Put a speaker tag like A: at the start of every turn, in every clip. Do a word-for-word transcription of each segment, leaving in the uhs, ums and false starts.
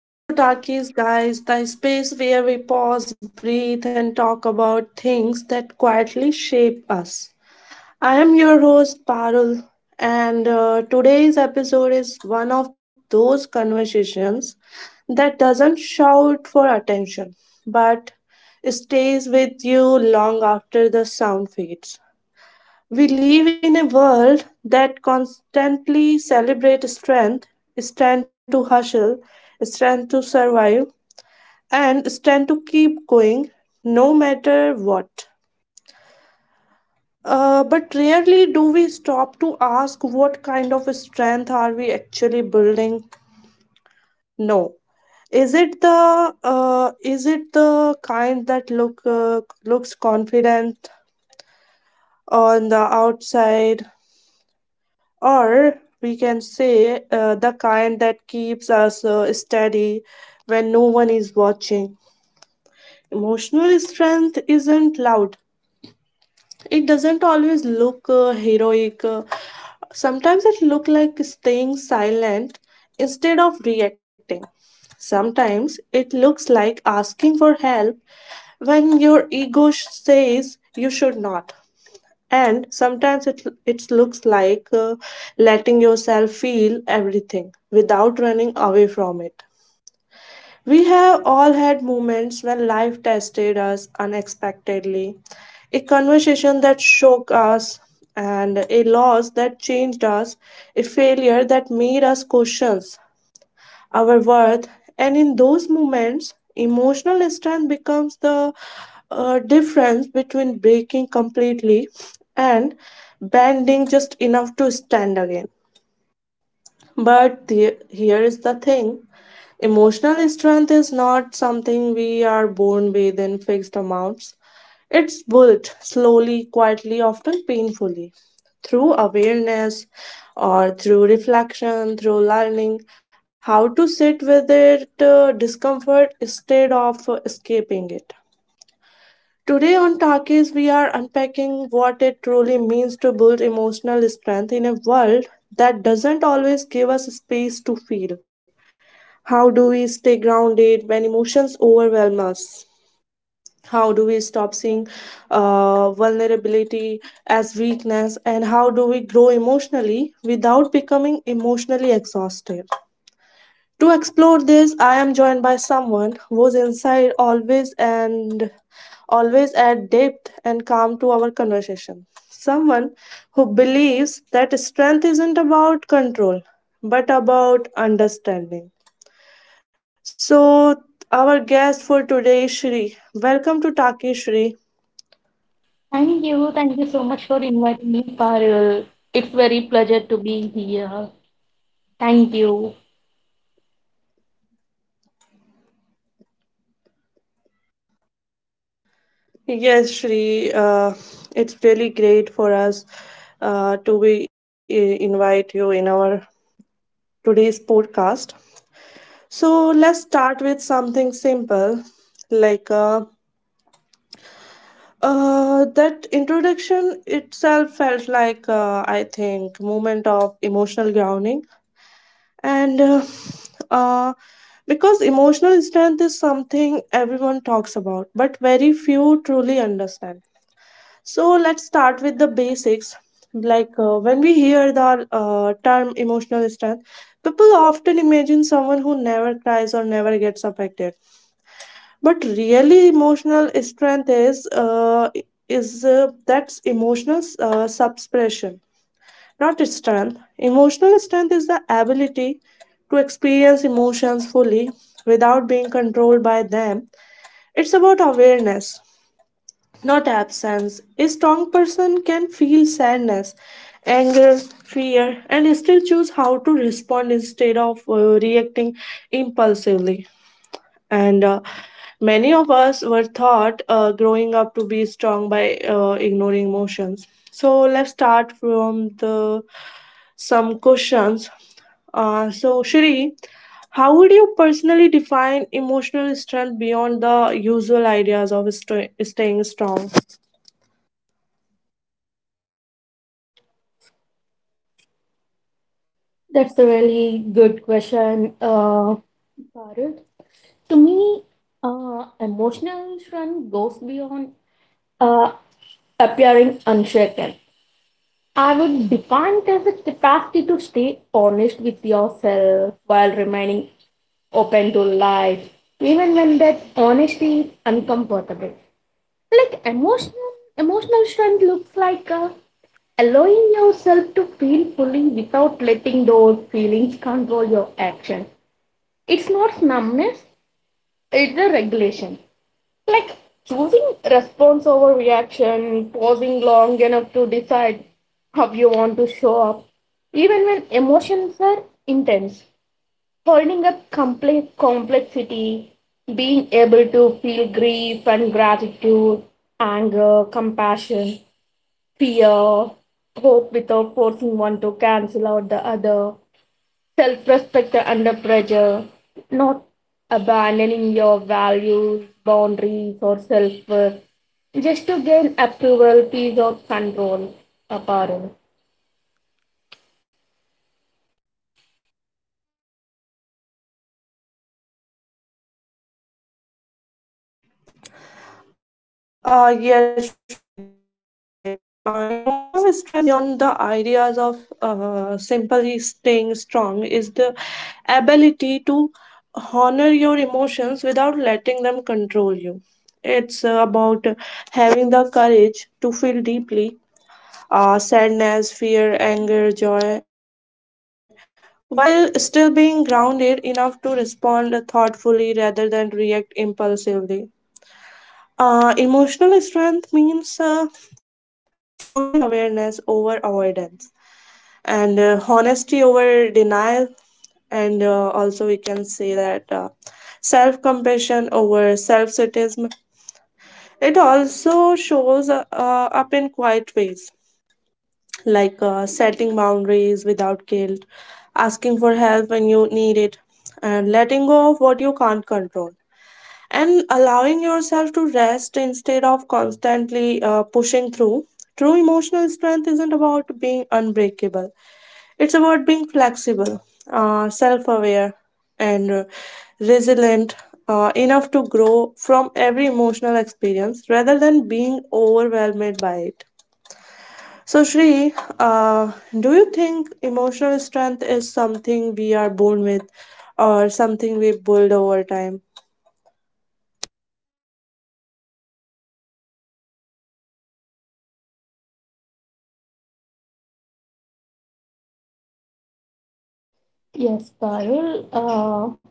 A: Welcome back to Talkies, guys, the space where we pause, breathe, and talk about things that quietly shape us. I am your host, Parul, and uh, today's episode is one of those conversations that doesn't shout for attention but stays with you long after the sound fades. We live in a world that constantly celebrates strength, strength to hustle, strength to survive and stand to keep going no matter what. Uh, but rarely do we stop to ask what kind of strength are we actually building. No, is it the uh, is it the kind that look uh, looks confident on the outside, or we can say uh, the kind that keeps us uh, steady when no one is watching. Emotional strength isn't loud. It doesn't always look uh, heroic. uh, Sometimes it look like staying silent instead of reacting. Sometimes it looks like asking for help when your ego sh- says you should not. And sometimes it, it looks like uh, letting yourself feel everything without running away from it. We have all had moments when life tested us unexpectedly, a conversation that shook us, and a loss that changed us, a failure that made us question our worth. And in those moments, emotional strength becomes the uh, difference between breaking completely and bending just enough to stand again. But the, here is the thing. Emotional strength is not something we are born with in fixed amounts. It's built slowly, quietly, often painfully, through awareness or through reflection, through learning how to sit with it, uh, discomfort instead of uh, escaping it. Today on Talkies, we are unpacking what it truly means to build emotional strength in a world that doesn't always give us space to feel. How do we stay grounded when emotions overwhelm us? How do we stop seeing uh, vulnerability as weakness? And how do we grow emotionally without becoming emotionally exhausted? To explore this, I am joined by someone who's inside always and always add depth and calm to our conversation. Someone who believes that strength isn't about control but about understanding. So, our guest for today is Shri. Welcome to Taki Shri.
B: Thank you. Thank you so much for inviting me, Parul. It's very pleasure to be here. Thank you.
A: Yes, Shri, uh, it's really great for us uh, to be, uh, invite you in our today's podcast. So, let's start with something simple like uh, uh, that introduction itself felt like, uh, I think, moment of emotional grounding and uh, uh, because emotional strength is something everyone talks about but very few truly understand, so let's start with the basics like uh, when we hear the uh, term emotional strength, people often imagine someone who never cries or never gets affected, but really emotional strength is uh, is uh, that's emotional uh, suppression, not strength. Emotional strength is the ability to experience emotions fully without being controlled by them. It's about awareness, not absence. A strong person can feel sadness, anger, fear, and still choose how to respond instead of uh, reacting impulsively. And uh, many of us were taught uh, growing up to be strong by uh, ignoring emotions. So let's start from the some questions. Uh, so Shri, how would you personally define emotional strength beyond the usual ideas of st- staying strong?
B: That's a really good question, uh, Parul. To me, uh, emotional strength goes beyond uh, appearing unshaken. I would define it as the capacity to stay honest with yourself while remaining open to life, even when that honesty is uncomfortable. Like emotional emotional strength looks like uh, allowing yourself to feel fully without letting those feelings control your action. It's not numbness, it's a regulation. Like choosing response over reaction, pausing long enough to decide how you want to show up, even when emotions are intense, holding up complex complexity, being able to feel grief and gratitude, anger, compassion, fear, hope without forcing one to cancel out the other, self respect under pressure, not abandoning your values, boundaries, or self worth just to gain approval, peace, or control. Aparul.
A: Uh, yes, Shri, that's correct. Uh, emotional strength beyond the ideas of uh, simply staying strong is the ability to honor your emotions without letting them control you. It's uh, about having the courage to feel deeply, uh, sadness, fear, anger, joy, while still being grounded enough to respond thoughtfully rather than react impulsively. Uh, emotional strength means uh, choosing awareness over avoidance, and uh, honesty over denial, and uh, also we can say that uh, self compassion over self criticism. It also shows uh, uh, up in quiet ways like uh, setting boundaries without guilt, asking for help when you need it, and letting go of what you can't control, and allowing yourself to rest instead of constantly uh, pushing through. True emotional strength isn't about being unbreakable, it's about being flexible, uh, self aware, and uh, resilient uh, enough to grow from every emotional experience rather than being overwhelmed by it. So, Shri, uh, do you think emotional strength is something we are born with or something we build over time?
B: Yes, Parul. Uh,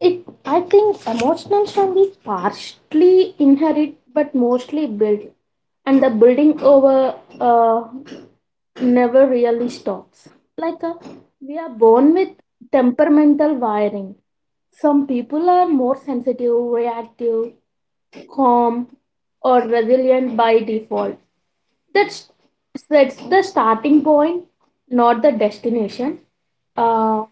B: It, I think emotional strength is partially inherit but mostly built, and the building over uh, never really stops. Like uh, we are born with temperamental wiring. Some people are more sensitive, reactive, calm, or resilient by default. That's that's the starting point, not the destination. Uh,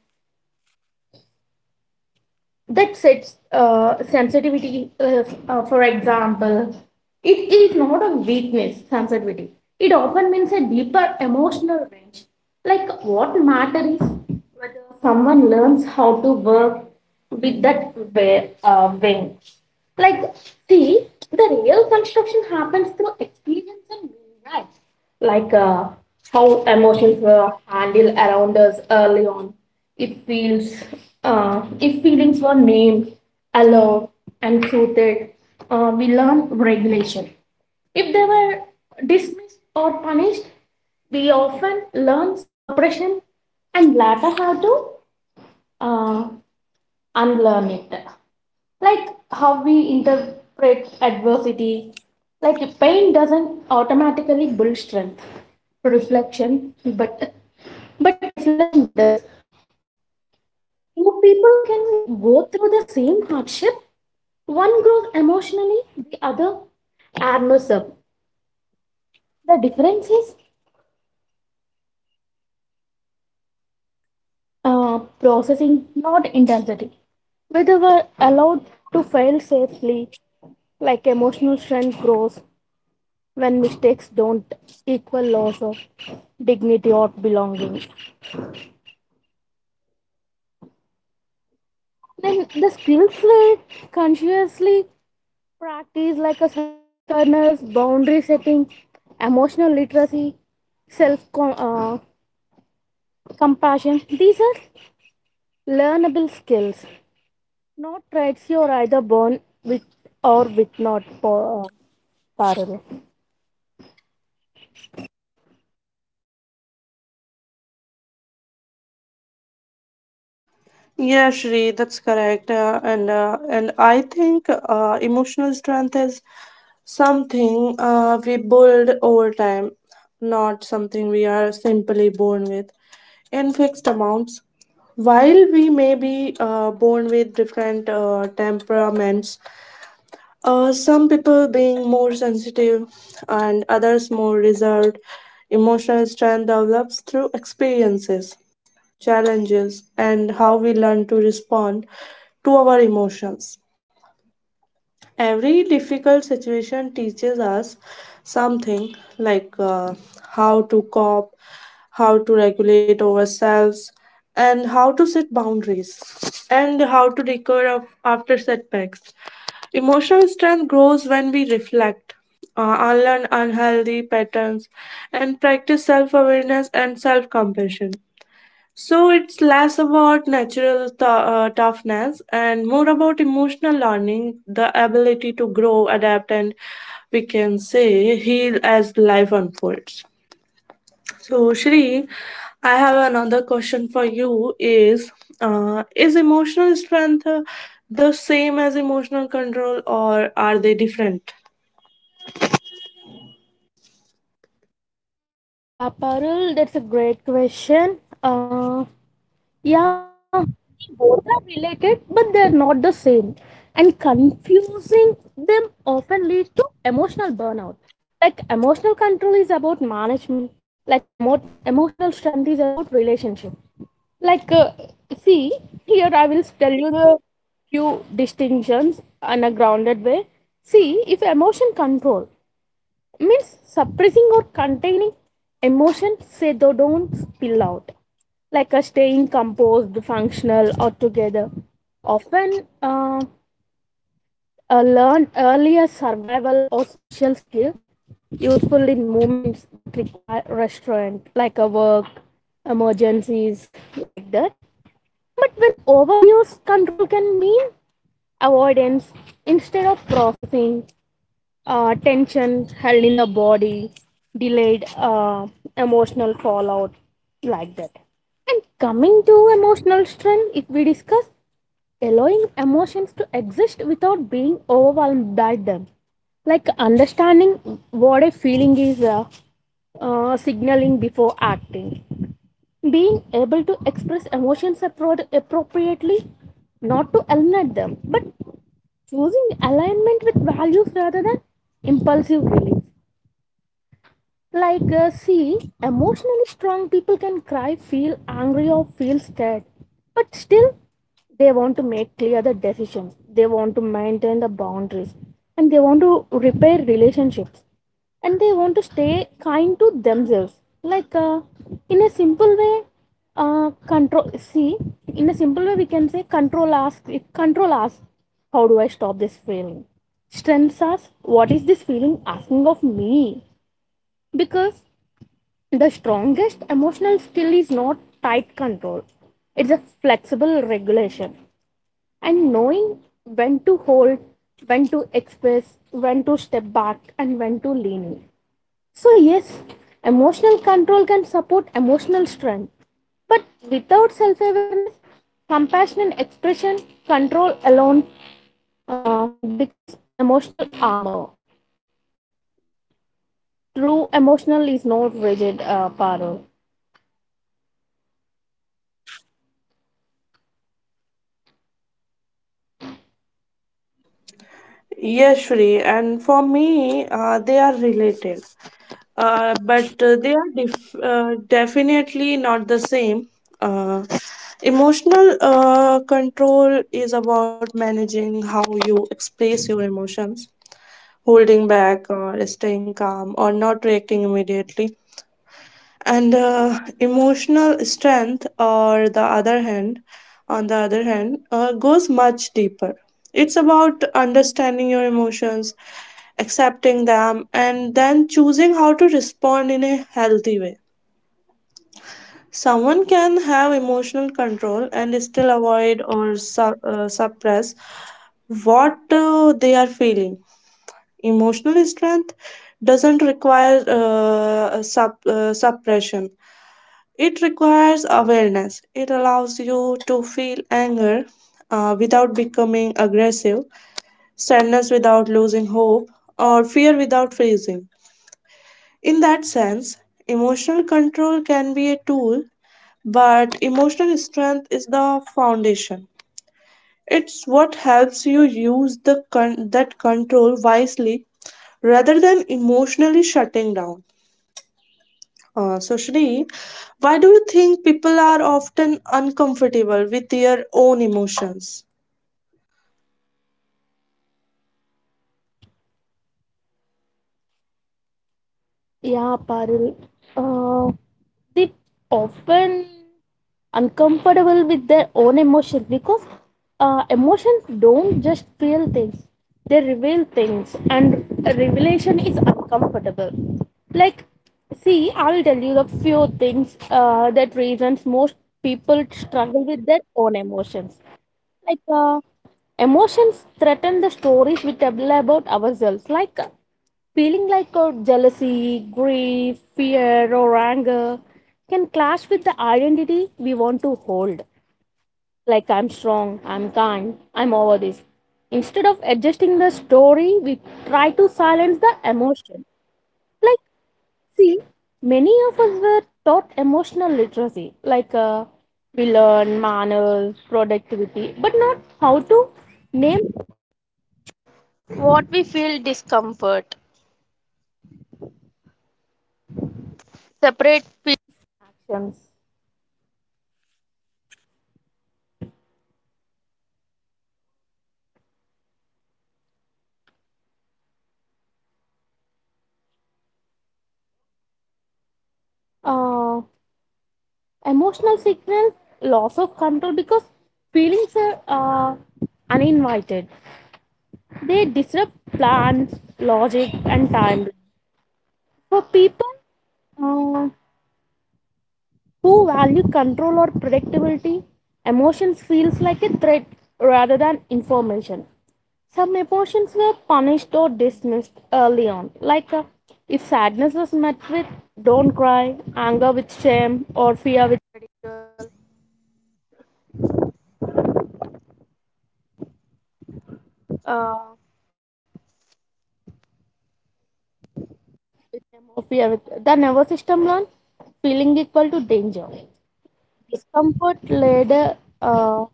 B: that sets uh, sensitivity. Uh, uh, for example, it is not a weakness, sensitivity. It often means a deeper emotional range. Like what matters is whether someone learns how to work with that uh, wing. Like, see, the real construction happens through experience and meaning, right? like uh, how emotions were handled around us early on. It feels, uh, if feelings were named, allowed, and soothed, uh, we learn regulation. If they were dismissed or punished, we often learn suppression and later how to uh, unlearn it, like how we interpret adversity. Like pain doesn't automatically build strength, reflection, but but reflection does. Two people can go through the same hardship. One grows emotionally, the other armors up. The difference is uh, processing, not intensity. Whether we're allowed to fail safely, like emotional strength grows when mistakes don't equal loss of dignity or belonging. Then the skills we consciously practice, like a self awareness, boundary setting, emotional literacy, self uh, compassion, these are learnable skills, not traits you are either born with or with not. Uh, Parul.
A: Yeah, Shri, that's correct. Uh, and uh, and I think uh, emotional strength is something uh, we build over time, not something we are simply born with in fixed amounts. While we may be uh, born with different uh, temperaments, uh, some people being more sensitive and others more reserved, emotional strength develops through experiences, challenges, and how we learn to respond to our emotions. Every difficult situation teaches us something like uh, how to cope, how to regulate ourselves, and how to set boundaries, and how to recover af- after setbacks. Emotional strength grows when we reflect, uh, unlearn unhealthy patterns, and practice self awareness and self compassion. So it's less about natural tou- uh, toughness and more about emotional learning, the ability to grow, adapt, and we can say heal as life unfolds. So, Shri, I have another question for you: Is uh, is emotional strength uh, the same as emotional control, or are they different?
B: Yeah, Parul, that's a great question. Uh, Yeah, Both are related, but they are not the same. And confusing them often leads to emotional burnout. Like emotional control is about management, like emo- emotional strength is about relationship. Like, uh, see, here I will tell you the few distinctions in a grounded way. See, if emotion control means suppressing or containing emotion so they don't spill out, like a staying composed, functional, or together, often uh, a learned earlier survival or social skill, useful in movements that require restraint, like a work emergencies, like that. But when overuse, control can mean avoidance instead of processing, uh, tension held in the body, delayed uh, emotional fallout, like that. And coming to emotional strength, if we discuss allowing emotions to exist without being overwhelmed by them, like understanding what a feeling is, uh, uh, signaling before acting, being able to express emotions appro- appropriately, not to eliminate them, but choosing alignment with values rather than impulsive feelings. Like, uh, see, emotionally strong people can cry, feel angry, or feel scared, but still they want to make clear the decisions. They want maintain the boundaries, and they want to repair relationships, and they want to stay kind to themselves. Like, uh, in a simple way, uh, control. See, in a simple way, we can say control asks. If control asks, how do I stop this feeling? Strength asks, what is this feeling asking of me? Because the strongest emotional skill not tight control, it's a flexible regulation and knowing when to hold, when to express, when to step back, and when to lean in. So, yes, emotional control can support emotional strength, but without self awareness, compassion and expression, control alone uh, becomes emotional armor. True emotional is not rigid uh, power.
A: Yes, Shri, and for me, uh, they are related. Uh, but uh, they are def- uh, definitely not the same. Uh, emotional uh, control is about managing how you express your emotions, holding back, or staying calm, or not reacting immediately, and uh, emotional strength or the other hand on the other hand uh, goes much deeper. It's about understanding your emotions, accepting them, and then choosing how to respond in a healthy way. Someone can have emotional control and still avoid or su- uh, suppress what uh, they are feeling. Emotional strength doesn't require uh, sup- uh, suppression, it requires awareness. It allows you to feel anger uh, without becoming aggressive, sadness without losing hope, or fear without freezing. In that sense, emotional control can be a tool, but emotional strength is the foundation. It's what helps you use the con- that control wisely rather than emotionally shutting down. Uh, so, Shri, why do you think people are often uncomfortable with their own emotions?
B: Yeah, Parul. Uh, they often uncomfortable with their own emotions because uh, emotions don't just feel things; they reveal things, and a revelation is uncomfortable. Like, see, I will tell you the few things uh, that reasons most people struggle with their own emotions, like uh, emotions threaten the stories we tell about ourselves, like uh, feeling like uh, jealousy, grief, fear, or anger can clash identity we want to hold, like I'm strong, I'm kind, I'm over this. Instead of adjusting the story, we try to silence the emotion. Like, see, many of us were taught emotional literacy, like uh, we learn manners, productivity, but not how to name uh, emotional signals. Loss of control because feelings are uh, uninvited, they disrupt plans, logic, and time. For people uh, who value control or predictability, emotions feels like a threat rather than information. Some emotions were punished or dismissed early on, like uh, if sadness was met with don't cry, anger with shame. Comfort later, uh,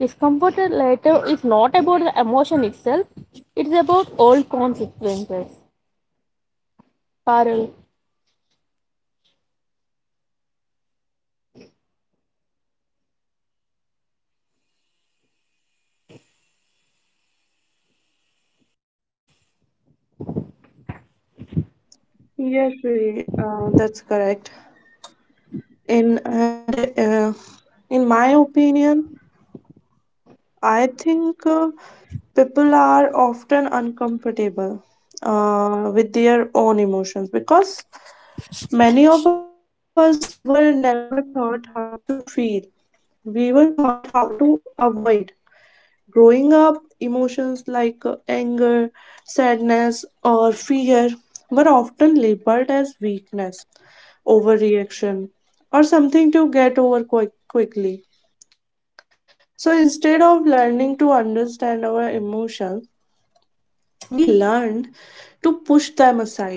B: discomfort later is not about the emotion itself. It's about all consequences. Parul,
A: Yes, Shri, uh, that's correct. In and uh, in my opinion, I think uh, people are often uncomfortable uh, with their own emotions because many of us were never taught how to feel. We were taught how to avoid. Growing up, emotions like uh, anger, sadness, or fear were often labeled as weakness, overreaction, or something to get over quick- quickly. So instead of learning to understand our emotions, we learned to push them aside.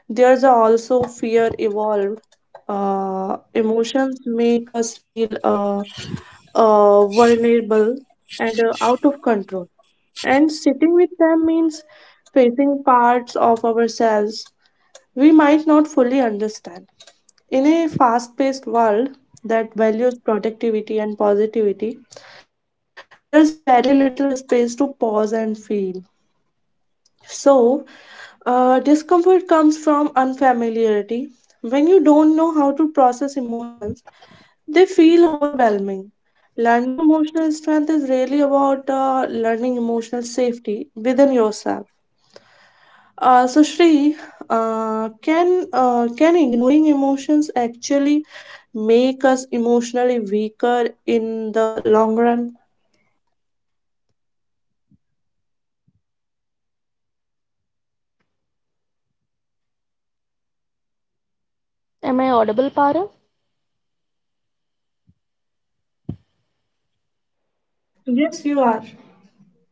A: There's also fear evolved. Uh, emotions make us feel uh, uh, vulnerable and uh, out of control. And sitting with them means facing parts of ourselves we might not fully understand. In a fast paced world that values productivity and positivity, there's a very little space to pause and feel. So, uh, discomfort comes from unfamiliarity. When you don't know how to process emotions, they feel overwhelming. Learning emotional strength is really about uh, learning emotional safety within yourself. Uh, so Shri, uh, can uh, can ignoring emotions actually make us emotionally weaker in the long run?
B: am I audible, Parul?
A: Yes, you are.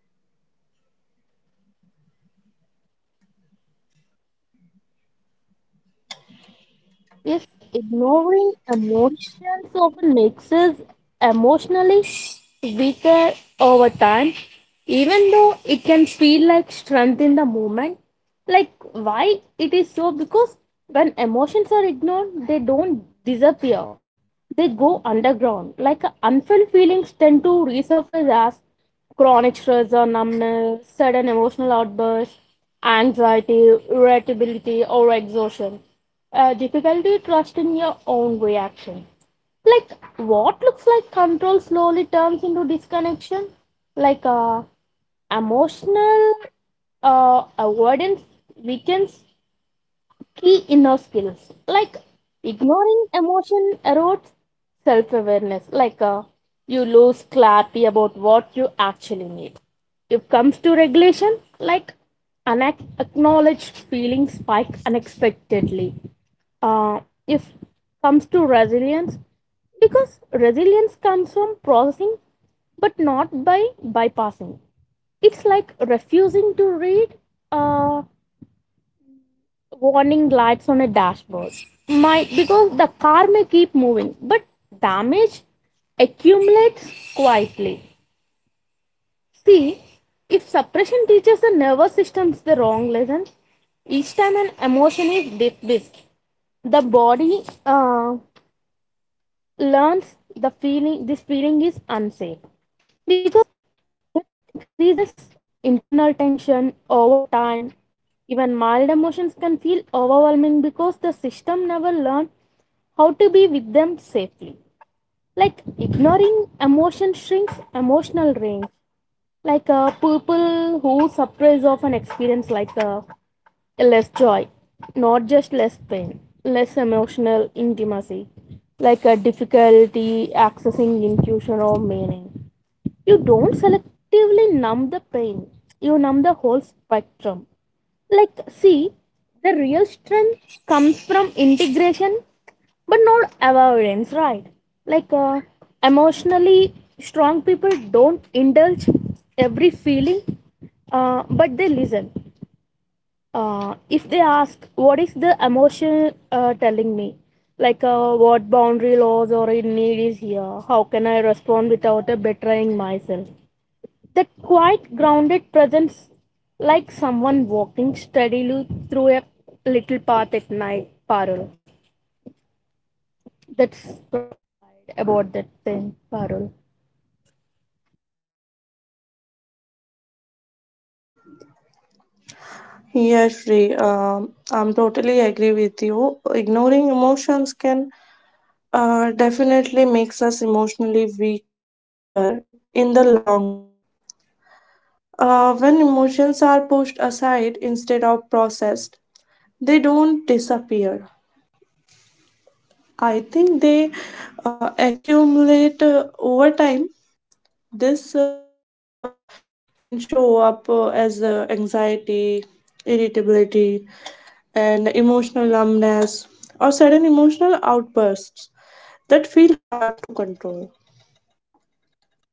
B: Yes, ignoring emotions often makes us emotionally weaker over time, even though it can feel like strength in the moment. Like, why it is so? Because when emotions are ignored, they don't disappear, they go underground. Like, unfelt feelings tend to resurface as chronic stress or numbness, sudden emotional outbursts, anxiety, irritability, or exhaustion. Uh, difficulty trusting your own reaction. Like what looks like control slowly turns into disconnection. Like uh, Emotional uh, avoidance weakens key inner skills, like ignoring emotion erodes self awareness, like uh, you lose clarity about what you actually need. If it comes to regulation, like unacknowledged feelings spike unexpectedly. Uh, if comes to resilience, because resilience comes from processing but not by bypassing. It's like refusing to read uh, warning lights on a dashboard. My, because the car may keep moving but damage accumulates quietly. See, if suppression teaches the nervous system the wrong lesson, each time an emotion is dismissed, the body uh, learns the feeling, this feeling is unsafe, because that increases internal tension over time. Even mild emotions can feel overwhelming because the system never learned how to be with them safely. Like ignoring emotion shrinks emotional range, like uh, people who suppress often experience like a less joy, not just less pain, less emotional intimacy, like a difficulty accessing intuition or meaning. You don't selectively numb the pain, you numb the whole spectrum. Like, see, the real strength comes from integration but not avoidance, right? Like uh, Emotionally strong people don't indulge every feeling, uh, but they listen, uh, if they ask what is the emotion uh, telling me, like uh, what boundary laws or in need is here, how can I respond without uh, betraying myself. That quite grounded presence, like someone walking steadily through a little path at night, Parul. That's right about that thing, Parul.
A: Yes, Shri, um, I'm totally agree with you. Ignoring emotions can uh, definitely makes us emotionally weaker in the long run. Uh, when emotions are pushed aside instead of processed, they don't disappear. I think they uh, accumulate uh, over time. This uh, buildup can show up uh, as uh, anxiety, irritability, and emotional numbness, or sudden emotional outbursts that feel hard to control.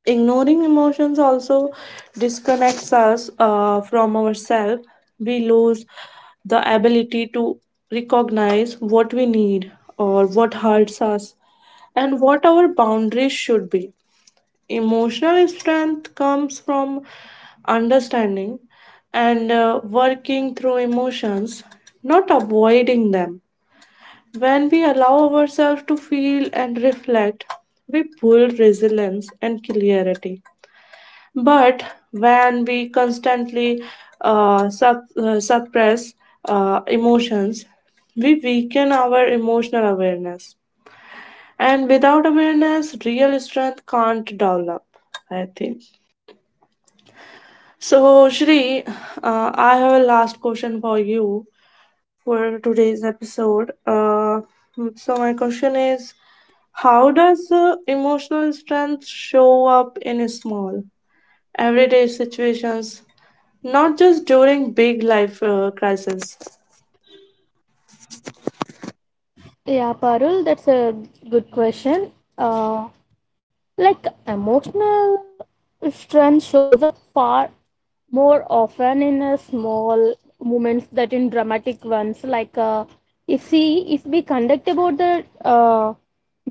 A: Ignoring emotions also disconnects us uh, from ourselves. We lose the ability to recognize what we need or what hurts us and what our boundaries should be. Emotional strength comes from understanding and uh, working through emotions, not avoiding them. When we allow ourselves to feel and reflect, we build resilience and clarity. But when we constantly uh, sup- uh, suppress uh, emotions, we weaken our emotional awareness. And without awareness, real strength can't develop, I think. So, Shri, uh, I have a last question for you for today's episode. Uh, so, my question is: How does uh, emotional strength show up in small, everyday situations, not just during big life uh, crises?
B: Yeah, Parul, that's a good question. uh, Like emotional strength shows up far more often in a small moments that in dramatic ones. Like uh, if see, if we conduct about the uh,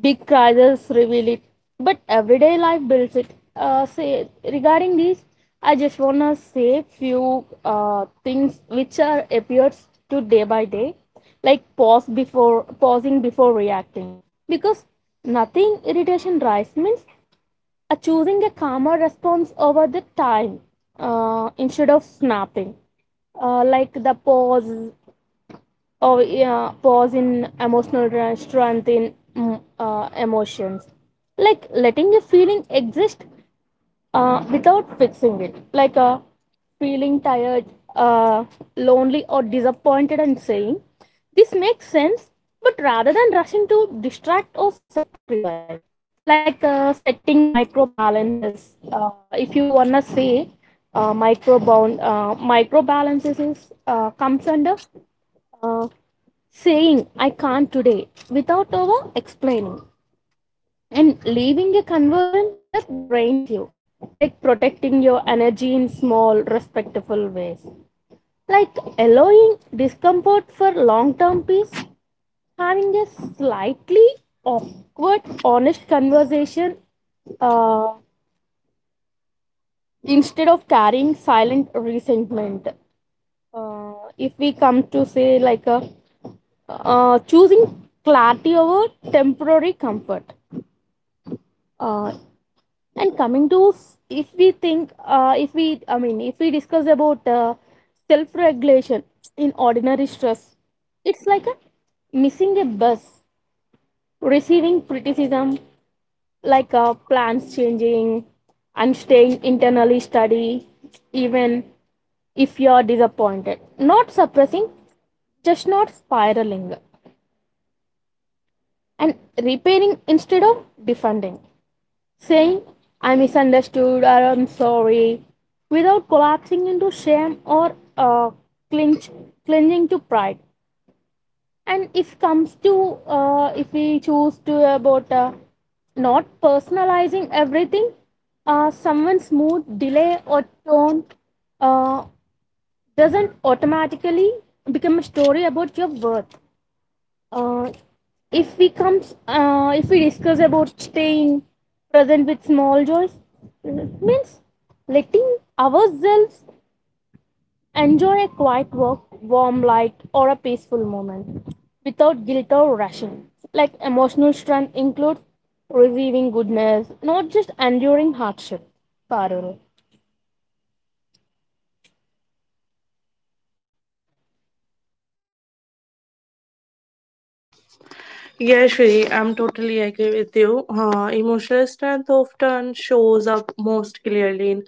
B: big crisis reveal it, but everyday life builds it. Uh, say regarding this, I just wanna say few uh, things which are appears to day by day, like pause before pausing before reacting, because nothing irritation drives means uh, choosing a calmer response over the time uh, instead of snapping, uh, like the pause or yeah, pause in emotional strength in mm, uh, emotions, like letting a feeling exist uh, without fixing it. Like uh, feeling tired, uh, lonely, or disappointed, and saying, this makes sense, but rather than rushing to distract or self criticize. Like uh, setting micro balances. Uh, if you wanna say uh, micro bound, uh, micro balances is, uh, comes under uh, saying, I can't today without over explaining and leaving a conversion that drains you, like protecting your energy in small respectful ways, like allowing discomfort for long term peace, having a slightly awkward honest conversation uh, instead of carrying silent resentment. Uh, if we come to say like a, uh, choosing clarity over temporary comfort. uh, And coming to, s- if we think, uh, if we, I mean, if we discuss about uh, self regulation in ordinary stress, it's like a missing a bus, receiving criticism, like uh, plans changing, and staying internally study, even if you are disappointed. Not suppressing, just not spiraling, and repairing instead of defending. Saying, I misunderstood or I'm sorry, without collapsing into shame or uh, clinch, clinging to pride. And if comes to uh, if we choose to about uh, not personalizing everything, uh, someone's mood, delay or tone uh, doesn't automatically become a story about your worth. uh, if we comes uh, if we discuss about staying present with small joys, it means letting ourselves enjoy a quiet walk, warm light, or a peaceful moment without guilt or rushing. Like emotional strength includes receiving goodness, not just enduring hardship, Parul.
A: Yeah, Shri, I'm totally agree with you. Uh, emotional strength often shows up most clearly in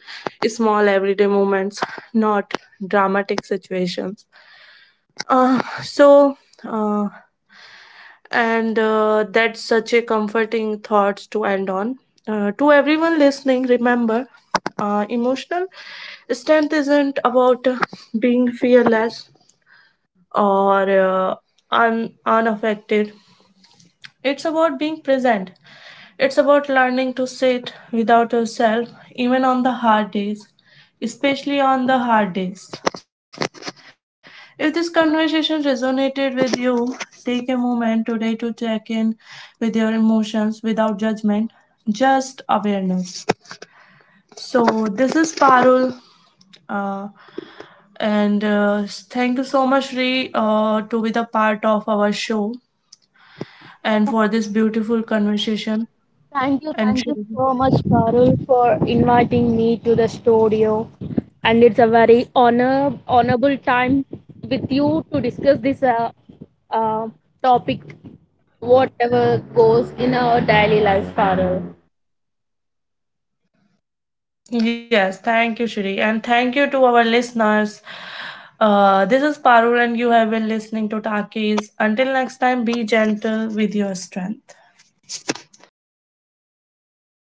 A: small everyday moments, not dramatic situations. Uh, so, uh, And uh, that's such a comforting thought to end on. Uh, to everyone listening, remember uh, emotional strength isn't about uh, being fearless or uh, un- unaffected. It's about being present. It's about learning to sit without yourself, even on the hard days, especially on the hard days. If this conversation resonated with you, take a moment today to check in with your emotions without judgment, just awareness. So, this is Parul, uh, and uh, thank you so much, Ree, uh, to be the part of our show and for this beautiful conversation
B: Thank you, thank you
A: and
B: so much,
A: sharing.
B: Parul, for inviting me to the studio. And it's a very honor, honorable time with you to discuss this uh, uh, topic, whatever goes in our daily life, Parul.
A: Yes, thank you, Shri. And thank you to our listeners. Uh, this is Parul, and you have been listening to Takis. Until next time, be gentle with your strength.